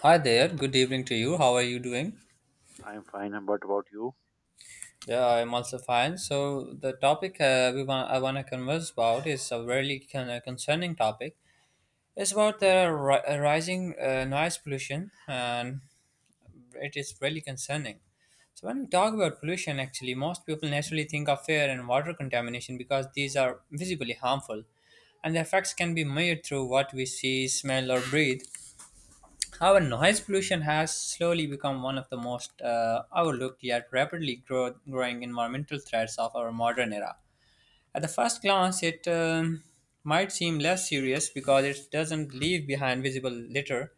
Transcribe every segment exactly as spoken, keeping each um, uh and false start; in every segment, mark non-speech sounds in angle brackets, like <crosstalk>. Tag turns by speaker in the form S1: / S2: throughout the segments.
S1: Hi there, good evening to you. How are you doing?
S2: I'm fine. And what about you?
S1: Yeah, I'm also fine. So the topic uh, we want I want to converse about is a really con- uh, concerning topic. It's about the ri- uh, rising uh, noise pollution, and it is really concerning. So when we talk about pollution, actually, most people naturally think of air and water contamination because these are visibly harmful, and the effects can be measured through what we see, smell, or breathe. Our noise pollution has slowly become one of the most uh, overlooked yet rapidly grow- growing environmental threats of our modern era. At the first glance, it um, might seem less serious because it doesn't leave behind visible litter,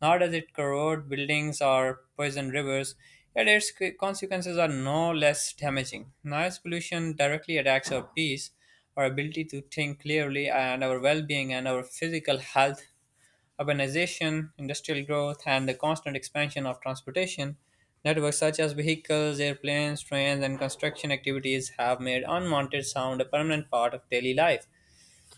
S1: nor does it corrode buildings or poison rivers, yet its c- consequences are no less damaging. Noise pollution directly attacks our peace, our ability to think clearly, and our well being and our physical health. Urbanization, industrial growth, and the constant expansion of transportation networks such as vehicles, airplanes, trains, and construction activities have made unwanted sound a permanent part of daily life.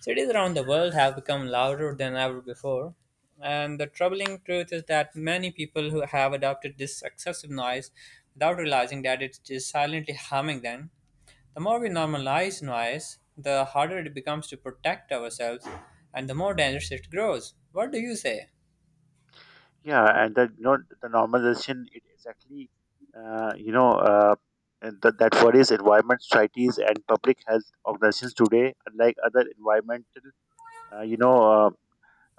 S1: Cities around the world have become louder than ever before, and the troubling truth is that many people who have adopted this excessive noise without realizing that it is silently harming them. The more we normalize noise, the harder it becomes to protect ourselves and the more dangerous it grows. What do you say?
S2: Yeah, and that you know, the normalization it exactly uh, you know uh, and that that worries environment societies and public health organizations today, unlike other environmental uh, you know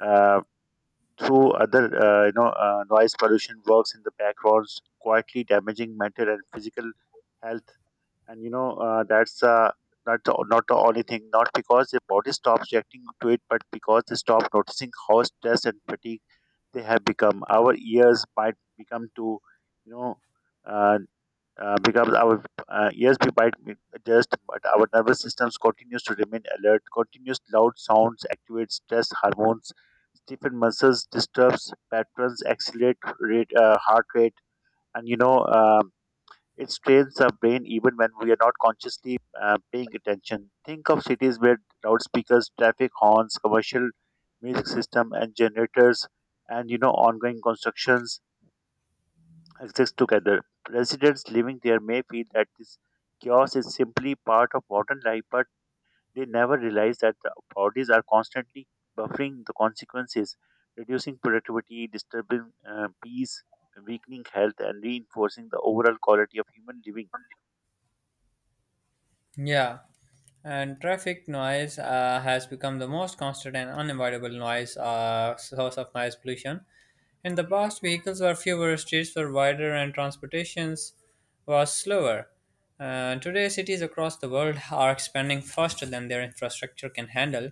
S2: uh, uh, through other uh, you know uh, noise pollution works in the backgrounds, quietly damaging mental and physical health. And you know uh, that's uh, not the, not the only thing. Not because the body stops reacting to it, but because they stop noticing how stress and fatigue they have become. Our ears might become to, you know, uh, uh, becomes our uh, ears we might be- adjust, but our nervous systems continues to remain alert. Continuous loud sounds activate stress hormones, stiffen muscles, disturbs patterns, accelerate rate, uh, heart rate, and you know. Uh, it strains the brain even when we are not consciously uh, paying attention. Think of cities where loudspeakers, traffic horns, commercial music system, and generators, and you know ongoing constructions exist together. Residents living there may feel that this chaos is simply part of modern life, but they never realize that the authorities are constantly buffering the consequences, reducing productivity, disturbing uh, peace, weakening health, and reinforcing the overall quality of human living.
S1: Yeah, and traffic noise uh, has become the most constant and unavoidable noise uh, source of noise pollution. In the past, vehicles were fewer, streets were wider, and transportations was slower. Uh, today, cities across the world are expanding faster than their infrastructure can handle.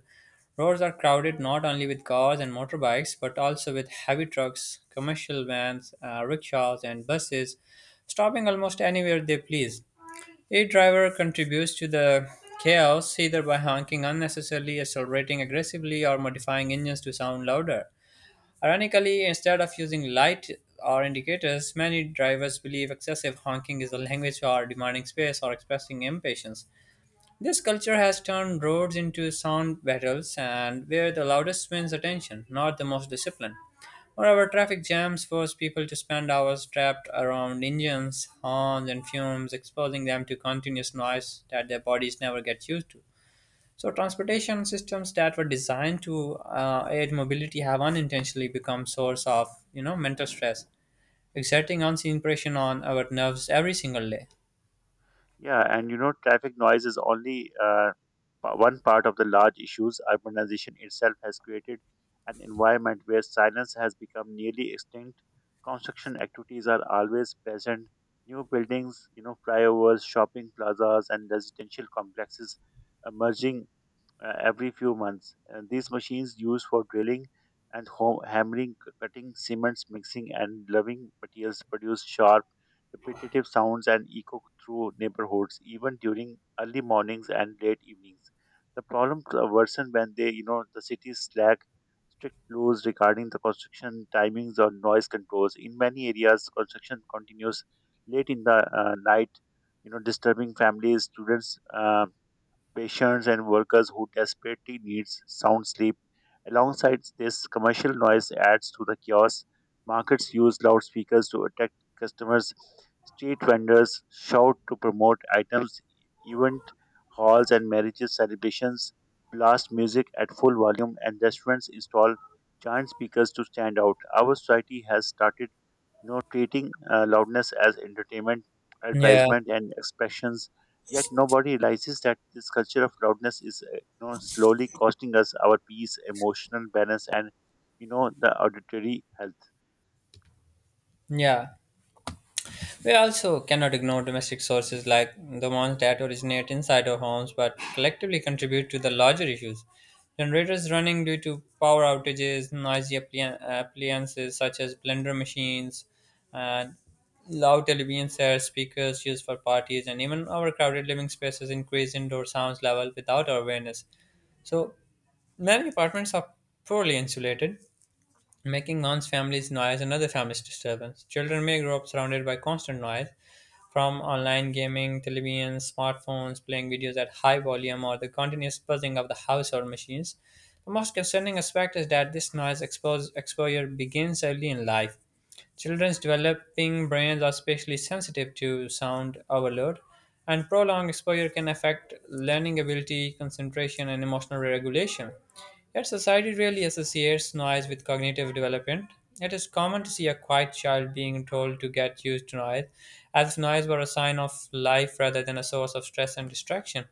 S1: Roads are crowded not only with cars and motorbikes, but also with heavy trucks, commercial vans, uh, rickshaws, and buses, stopping almost anywhere they please. A driver contributes to the chaos either by honking unnecessarily, accelerating aggressively, or modifying engines to sound louder. Ironically, instead of using light or indicators, many drivers believe excessive honking is a language for demanding space or expressing impatience. This culture has turned roads into sound battles and where the loudest wins attention, not the most disciplined. Moreover, traffic jams force people to spend hours trapped around engines, horns, and fumes, exposing them to continuous noise that their bodies never get used to. So, transportation systems that were designed to uh, aid mobility have unintentionally become source of, you know, mental stress, exerting unseen pressure on our nerves every single day.
S2: Yeah, and you know, traffic noise is only uh, pa- one part of the large issues. Urbanization itself has created an environment where silence has become nearly extinct. Construction activities are always present. New buildings, you know, flyovers, shopping plazas, and residential complexes emerging uh, every few months. And these machines used for drilling and home, hammering, c- cutting cements, mixing, and loving materials produce sharp, repetitive sounds and echo through neighborhoods, even during early mornings and late evenings. The problem c- worsen when they, you know, the cities lack strict rules regarding the construction timings or noise controls. In many areas, construction continues late in the uh, night, you know, disturbing families, students, um, patients, and workers who desperately need sound sleep. Alongside this, commercial noise adds to the chaos. Markets use loudspeakers to attract customers. Street vendors shout to promote items. Event halls and marriages celebrations blast music at full volume, and restaurants install giant speakers to stand out. Our society has started you know, treating uh, loudness as entertainment,
S1: Yeah,
S2: advertisement, and expressions. Yet nobody realizes that this culture of loudness is, uh, you know, slowly costing us our peace, emotional balance, and you know, the auditory health.
S1: yeah. We also cannot ignore domestic sources like the ones that originate inside our homes but collectively contribute to the larger issues. Generators running due to power outages, noisy appli- appliances such as blender machines, and loud television sets, speakers used for parties, and even overcrowded living spaces increase indoor sounds level without our awareness. So many apartments are poorly insulated, making one's family's noise another family's disturbance. Children may grow up surrounded by constant noise from online gaming, televisions, smartphones, playing videos at high volume, or the continuous buzzing of the household machines. The most concerning aspect is that this noise expose, exposure begins early in life. Children's developing brains are especially sensitive to sound overload, and prolonged exposure can affect learning ability, concentration, and emotional regulation. Yet, society rarely associates noise with cognitive development. It is common to see a quiet child being told to get used to noise, as if noise were a sign of life rather than a source of stress and distraction.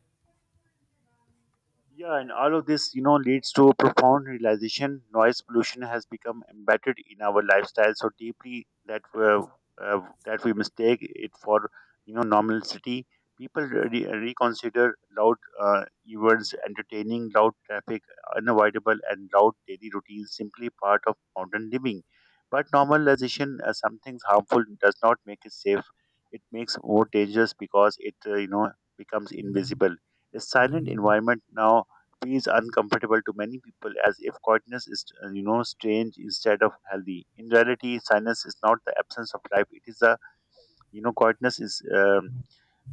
S2: Yeah, and all of this, you know, leads to a profound realization. Noise pollution has become embedded in our lifestyle so deeply that uh, uh, that we mistake it for, you know, normality. People re- reconsider loud uh, events entertaining, loud traffic unavoidable, and loud daily routines simply part of modern living. But normalization, uh, something harmful, does not make it safe. It makes more dangerous because it, uh, you know, becomes invisible. A silent environment now feels uncomfortable to many people as if quietness is, uh, you know, strange instead of healthy. In reality, silence is not the absence of life. It is the, you know, quietness is um,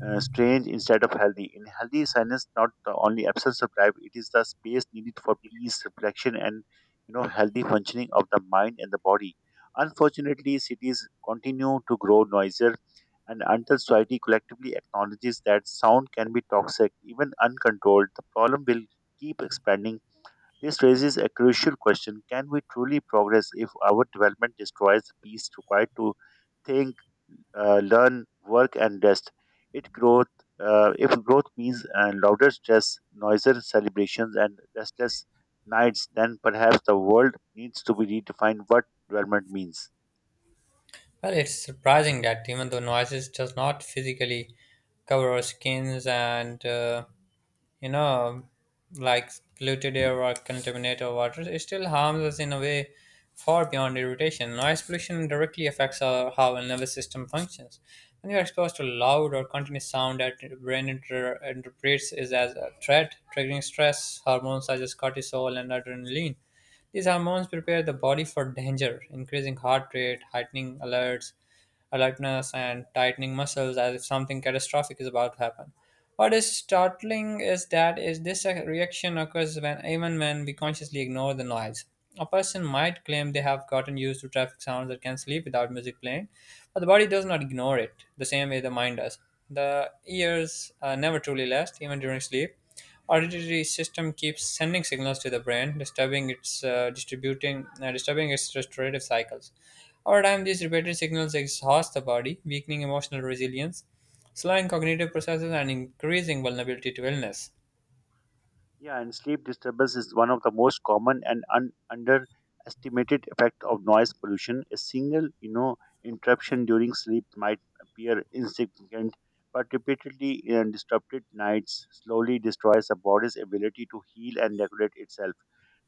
S2: uh, strange instead of healthy. In healthy silence, not the only absence of drive, it is the space needed for peace, reflection, and you know healthy functioning of the mind and the body. Unfortunately, cities continue to grow noisier, and until society collectively acknowledges that sound can be toxic, even uncontrolled, the problem will keep expanding. This raises a crucial question: can we truly progress if our development destroys the peace required to think, uh, learn, work, and rest? It growth, uh, if growth means uh, louder stress, noisier celebrations, and restless nights, then perhaps the world needs to be redefined what development means.
S1: Well, it's surprising that even though noises does not physically cover our skins and uh, you know, like polluted air or contaminated water, it still harms us in a way far beyond irritation. Noise pollution directly affects our, how our nervous system functions. When you are exposed to loud or continuous sound that your brain inter- interprets is as a threat, triggering stress hormones such as cortisol and adrenaline. These hormones prepare the body for danger, increasing heart rate, heightening alerts, alertness, and tightening muscles as if something catastrophic is about to happen. What is startling is that is this reaction occurs when even when we consciously ignore the noise. A person might claim they have gotten used to traffic sounds that can sleep without music playing, but the body does not ignore it the same way the mind does. The ears uh, never truly rest, even during sleep. Auditory system keeps sending signals to the brain, disturbing its uh, distributing, uh, disturbing its restorative cycles. Over time, these repeated signals exhaust the body, weakening emotional resilience, slowing cognitive processes, and increasing vulnerability to illness.
S2: Yeah, and sleep disturbance is one of the most common and un- underestimated effect of noise pollution. A single, you know, interruption during sleep might appear insignificant, but repeatedly uh, disrupted nights slowly destroys the body's ability to heal and regulate itself.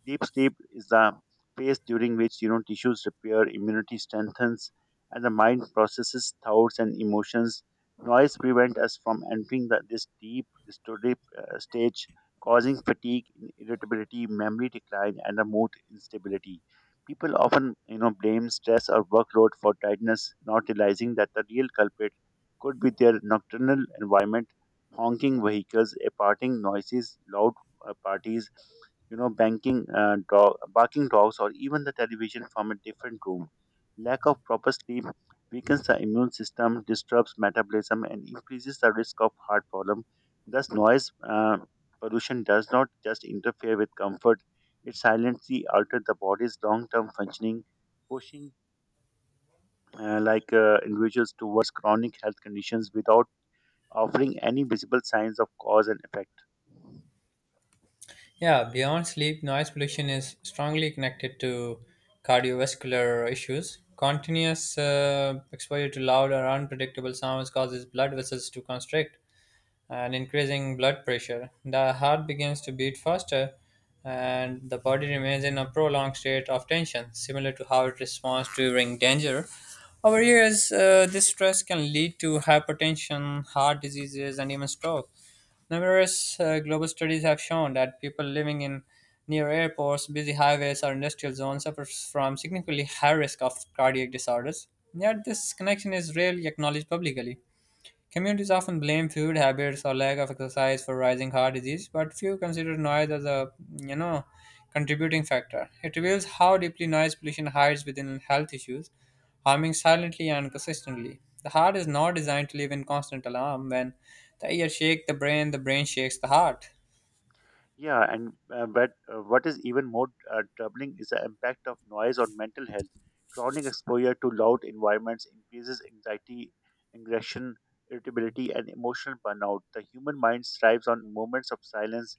S2: Deep sleep is the phase during which you know tissues repair, immunity strengthens, and the mind processes thoughts and emotions. Noise prevents us from entering the, this deep restorative uh, stage, causing fatigue, irritability, memory decline, and a mood instability. People often, you know, blame stress or workload for tiredness, not realizing that the real culprit could be their nocturnal environment, honking vehicles, aparting noises, loud uh, parties, you know, banking uh, dog, barking dogs, or even the television from a different room. Lack of proper sleep weakens the immune system, disturbs metabolism, and increases the risk of heart problem. Thus, noise uh, pollution does not just interfere with comfort; it silently alters the body's long-term functioning, pushing uh, like uh, individuals towards chronic health conditions without offering any visible signs of cause and effect.
S1: Yeah, beyond sleep, noise pollution is strongly connected to cardiovascular issues. Continuous uh, exposure to loud or unpredictable sounds causes blood vessels to constrict, and increasing blood pressure. The heart begins to beat faster and the body remains in a prolonged state of tension, similar to how it responds during danger. Over years, uh, this stress can lead to hypertension, heart diseases, and even stroke. Numerous uh, global studies have shown that people living in near airports, busy highways, or industrial zones suffer from significantly high risk of cardiac disorders. Yet, this connection is rarely acknowledged publicly. Communities often blame food habits or lack of exercise for rising heart disease, but few consider noise as a you know contributing factor. It reveals how deeply noise pollution hides within health issues, harming silently and consistently. The heart is not designed to live in constant alarm. When the ear shakes the brain, the brain shakes the heart.
S2: Yeah, and uh, but uh, what is even more uh, troubling is the impact of noise on mental health. Chronic exposure to loud environments increases anxiety, aggression, irritability, and emotional burnout. The human mind thrives on moments of silence.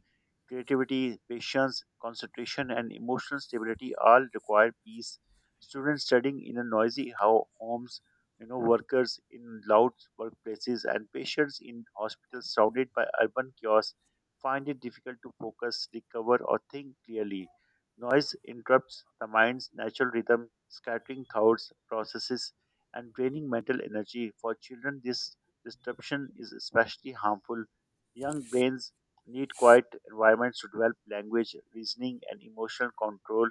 S2: Creativity, patience, concentration, and emotional stability all require peace. Students studying in a noisy ho- homes, you know, workers in loud workplaces, and patients in hospitals surrounded by urban chaos find it difficult to focus, recover, or think clearly. Noise interrupts the mind's natural rhythm, scattering thoughts, processes, and draining mental energy. For children, this disruption is especially harmful. Young brains need quiet environments to develop language, reasoning, and emotional control,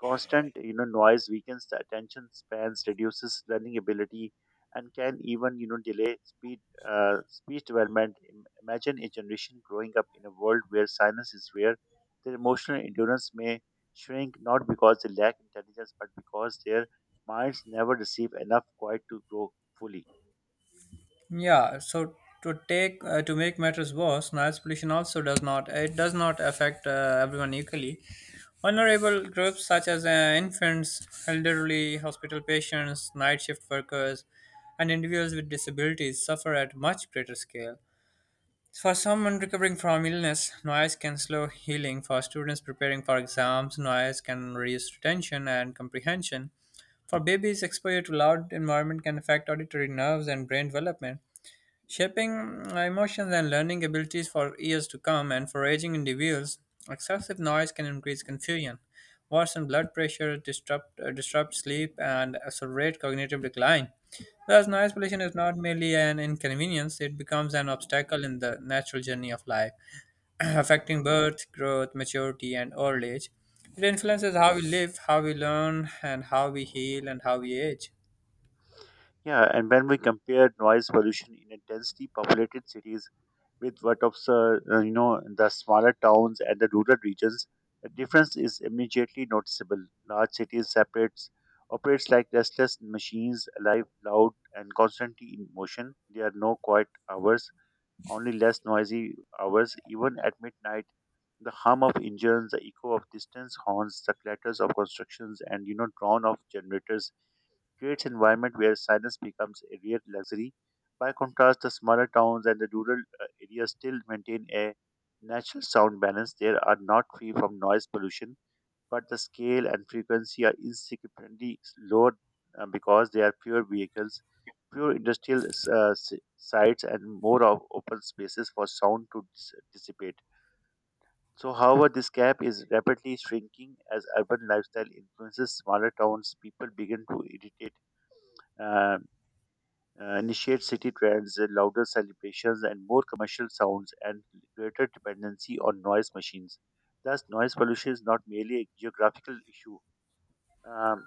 S2: constant you know noise weakens the attention spans, reduces learning ability, and can even you know delay speed uh, speech development. Im- imagine a generation growing up in a world where silence is rare. Their emotional endurance may shrink, not because they lack intelligence, but because their minds never receive enough quiet to grow fully.
S1: Yeah, so to take uh, to make matters worse, noise pollution also does not it does not affect uh, everyone equally. Vulnerable groups such as uh, infants, elderly, hospital patients, night shift workers, and individuals with disabilities suffer at much greater scale. For someone recovering from illness, noise can slow healing. For students preparing for exams, noise can reduce retention and comprehension. For babies, exposure to loud environment can affect auditory nerves and brain development, shaping emotions and learning abilities for years to come. And for aging individuals, excessive noise can increase confusion, worsen blood pressure, disrupt, uh, disrupt sleep, and accelerate cognitive decline. Thus, noise pollution is not merely an inconvenience, it becomes an obstacle in the natural journey of life, <clears throat> affecting birth, growth, maturity, and old age. It influences how we live, how we learn, and how we heal, and how we age.
S2: Yeah, and when we compare noise pollution in intensely populated cities with what of uh, uh, you know the smaller towns and the rural regions, the difference is immediately noticeable. Large cities separates operates like restless machines, alive, loud, and constantly in motion. There are no quiet hours, only less noisy hours. Even at midnight, the hum of engines, the echo of distant horns, the clatters of constructions, and you know, drone of generators creates environment where silence becomes a real luxury. By contrast, the smaller towns and the rural uh, areas still maintain a natural sound balance. They are not free from noise pollution, but the scale and frequency are insignificantly lower uh, because there are fewer vehicles, fewer industrial uh, s- sites, and more of open spaces for sound to dis- dissipate. So, however, this gap is rapidly shrinking as urban lifestyle influences smaller towns. People begin to irritate uh, uh, initiate city trends, uh, louder celebrations, and more commercial sounds, and greater dependency on noise machines. Thus, noise pollution is not merely a geographical issue. Um,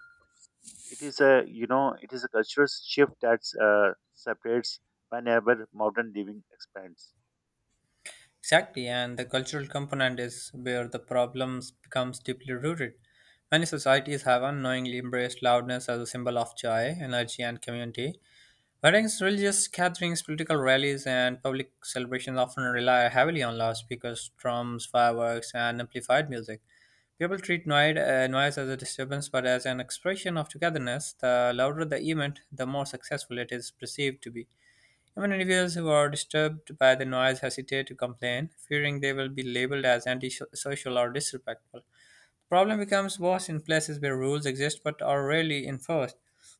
S2: it is a you know it is a cultural shift that uh, separates whenever modern living expands.
S1: Exactly, and the cultural component is where the problems becomes deeply rooted. Many societies have unknowingly embraced loudness as a symbol of joy, energy, and community. Weddings, religious gatherings, political rallies, and public celebrations often rely heavily on loudspeakers, drums, fireworks, and amplified music. People treat noise, uh, noise as a disturbance, but as an expression of togetherness. The louder the event, the more successful it is perceived to be. Even individuals who are disturbed by the noise hesitate to complain, fearing they will be labeled as antisocial or disrespectful. The problem becomes worse in places where rules exist but are rarely enforced.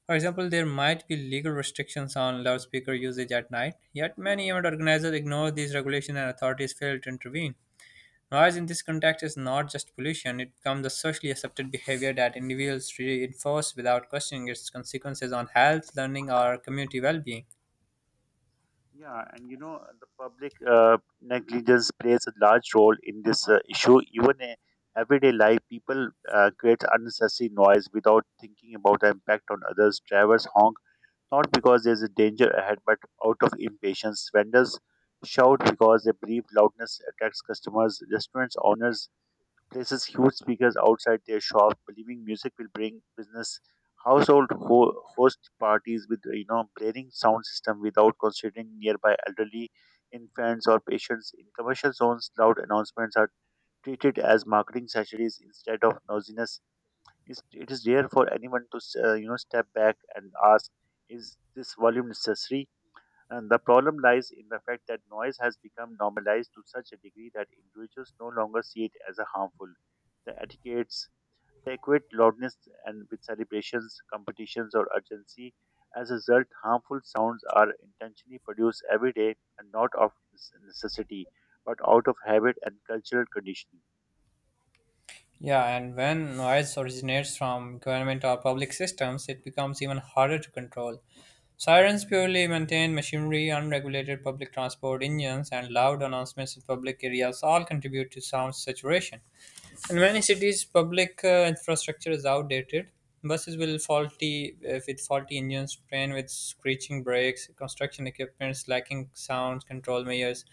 S1: For example, there might be legal restrictions on loudspeaker usage at night, yet many event organizers ignore these regulations and authorities fail to intervene. Noise in this context is not just pollution, it becomes a socially accepted behavior that individuals reinforce without questioning its consequences on health, learning, or community well being.
S2: Yeah, and you know the public uh, negligence plays a large role in this uh, issue. Even in everyday life, people uh, create unnecessary noise without thinking about the impact on others. Drivers honk not because there is a danger ahead, but out of impatience. Vendors shout because they believe loudness attracts customers. Restaurants owners places huge speakers outside their shop, believing music will bring business. Household ho- host parties with you know blaring sound system without considering nearby elderly, infants or patients. In commercial zones, loud announcements are treated as marketing sachets instead of noisiness. It's, it is rare for anyone to uh, you know step back and ask, is this volume necessary? And the problem lies in the fact that noise has become normalized to such a degree that individuals no longer see it as a harmful. The etiquettes they equate loudness and with celebrations, competitions, or urgency. As a result, harmful sounds are intentionally produced every day and not of necessity, but out of habit and cultural conditioning.
S1: Yeah, and when noise originates from government or public systems, it becomes even harder to control. Sirens purely maintained machinery, unregulated public transport engines, and loud announcements in public areas all contribute to sound saturation. In many cities, public uh, infrastructure is outdated. Buses will faulty uh, with faulty engines, train with screeching brakes, construction equipments lacking sound control measures,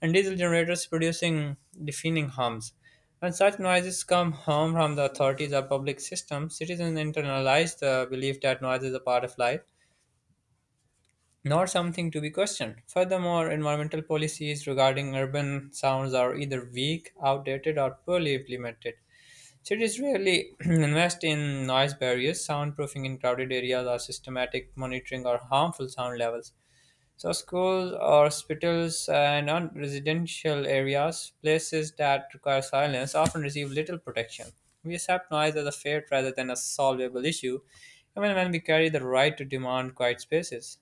S1: and diesel generators producing deafening hums. When such noises come home from the authorities or public systems, citizens internalize the belief that noise is a part of life, not something to be questioned. Furthermore, environmental policies regarding urban sounds are either weak, outdated, or poorly implemented. Cities rarely <clears throat> invest in noise barriers, soundproofing in crowded areas, or systematic monitoring or harmful sound levels. So, schools or hospitals and non residential areas, places that require silence, often receive little protection. We accept noise as a fate rather than a solvable issue, even when we carry the right to demand quiet spaces.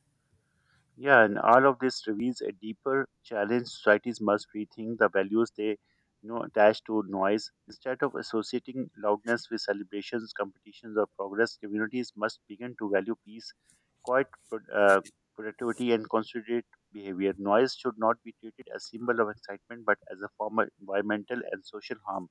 S2: Yeah, and all of this reveals a deeper challenge. Societies must rethink the values they you know attached to noise. Instead of associating loudness with celebrations, competitions, or progress, communities must begin to value peace, quiet, pro- uh, productivity, and considerate behavior. Noise should not be treated as symbol of excitement, but as a form of environmental and social harm.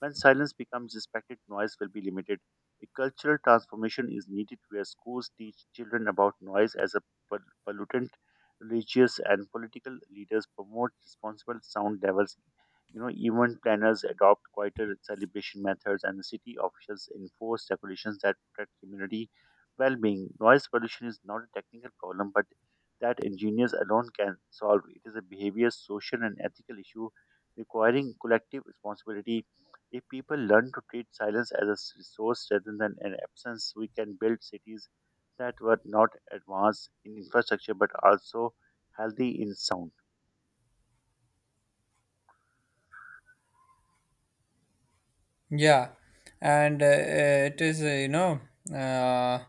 S2: When silence becomes respected, noise will be limited. A cultural transformation is needed where schools teach children about noise as a pol- pollutant. Religious and political leaders promote responsible sound levels. You know, event planners adopt quieter celebration methods, and city officials enforce regulations that protect community well-being. Noise pollution is not a technical problem, but that engineers alone can solve. It is a behavior, social, and ethical issue requiring collective responsibility. If people learn to treat silence as a s- resource rather than an absence, we can build cities that were not advanced in infrastructure but also healthy in sound.
S1: Yeah, and uh, it is, uh, you know, uh,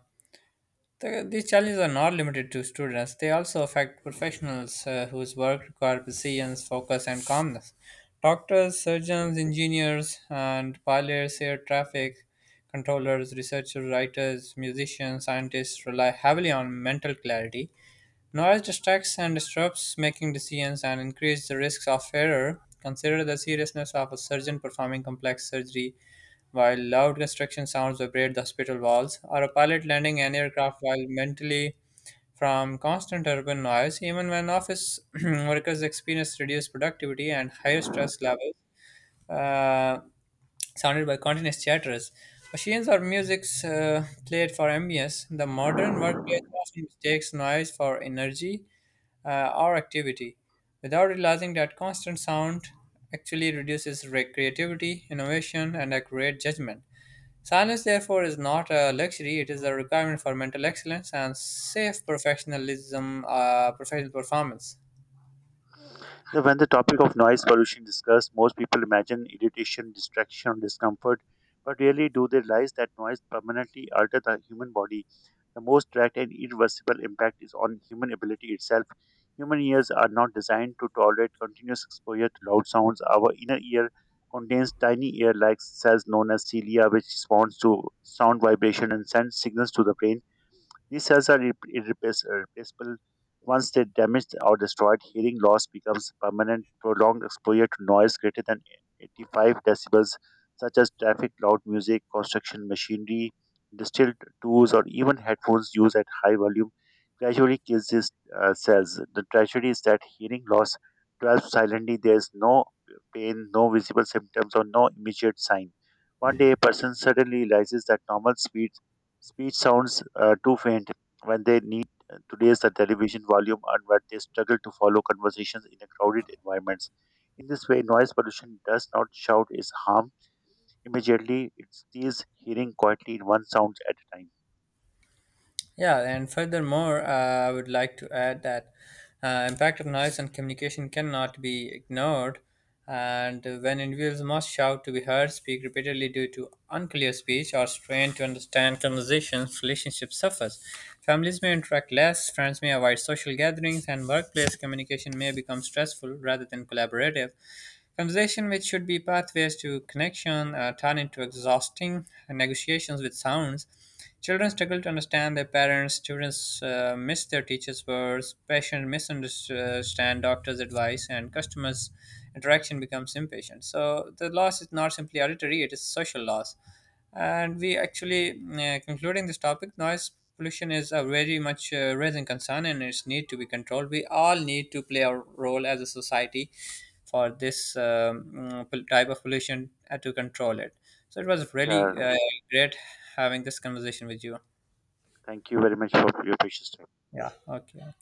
S1: The, these challenges are not limited to students, they also affect professionals uh, whose work require precision, focus, and calmness. Doctors, surgeons, engineers, and pilots, air traffic controllers, researchers, writers, musicians, scientists rely heavily on mental clarity. Noise distracts and disrupts making decisions and increases the risks of error. Consider the seriousness of a surgeon performing complex surgery while loud construction sounds vibrate the hospital walls, or a pilot landing an aircraft while mentally from constant urban noise, even when office <clears throat> workers experience reduced productivity and higher stress levels uh, sounded by continuous chatters. Machines or music's uh, played for ambience. The modern workplace often mistakes noise for energy uh, or activity, without realizing that constant sound actually reduces re- creativity, innovation, and accurate judgment. Silence, therefore, is not a luxury; it is a requirement for mental excellence and safe professionalism, uh, professional performance.
S2: Now, when the topic of noise pollution is discussed, most people imagine irritation, distraction, or discomfort, but rarely do they realize that noise permanently alters the human body. The most direct and irreversible impact is on human ability itself. Human ears are not designed to tolerate continuous exposure to loud sounds. Our inner ear contains tiny ear-like cells known as cilia, which responds to sound vibration and sends signals to the brain. These cells are irrep- irreplace- irreplaceable. Once they're damaged or destroyed, hearing loss becomes permanent. Prolonged exposure to noise greater than eighty-five decibels, such as traffic, loud music, construction machinery, distilled tools, or even headphones used at high volume, gradually kills these uh, cells. The tragedy is that hearing loss develops silently. There is no pain, no visible symptoms, or no immediate sign. One day, a person suddenly realizes that normal speed speech sounds uh, too faint, when they need to raise the television volume and when they struggle to follow conversations in a crowded environments. In this way, noise pollution does not shout its harm immediately. It steals hearing quietly in one sound at a time.
S1: Yeah, and furthermore, uh, I would like to add that uh, impact of noise on communication cannot be ignored. And when individuals must shout to be heard, speak repeatedly due to unclear speech, or strain to understand conversations, relationships suffers. Families may interact less, friends may avoid social gatherings, and workplace communication may become stressful rather than collaborative. Conversation, which should be pathways to connection, uh, turn into exhausting negotiations with sounds. Children struggle to understand their parents, students uh, miss their teachers' words, patients misunderstand doctors' advice, and customers' interaction becomes impatient. So the loss is not simply auditory, it is social loss. And we actually, uh, concluding this topic, noise pollution is a very much uh, raising concern and its need to be controlled. We all need to play our role as a society for this um, mm, pol- type of pollution uh, to control it. So it was really
S2: Yeah,
S1: uh, great having this conversation with you.
S2: thank you very much for your precious
S1: Yeah. Okay.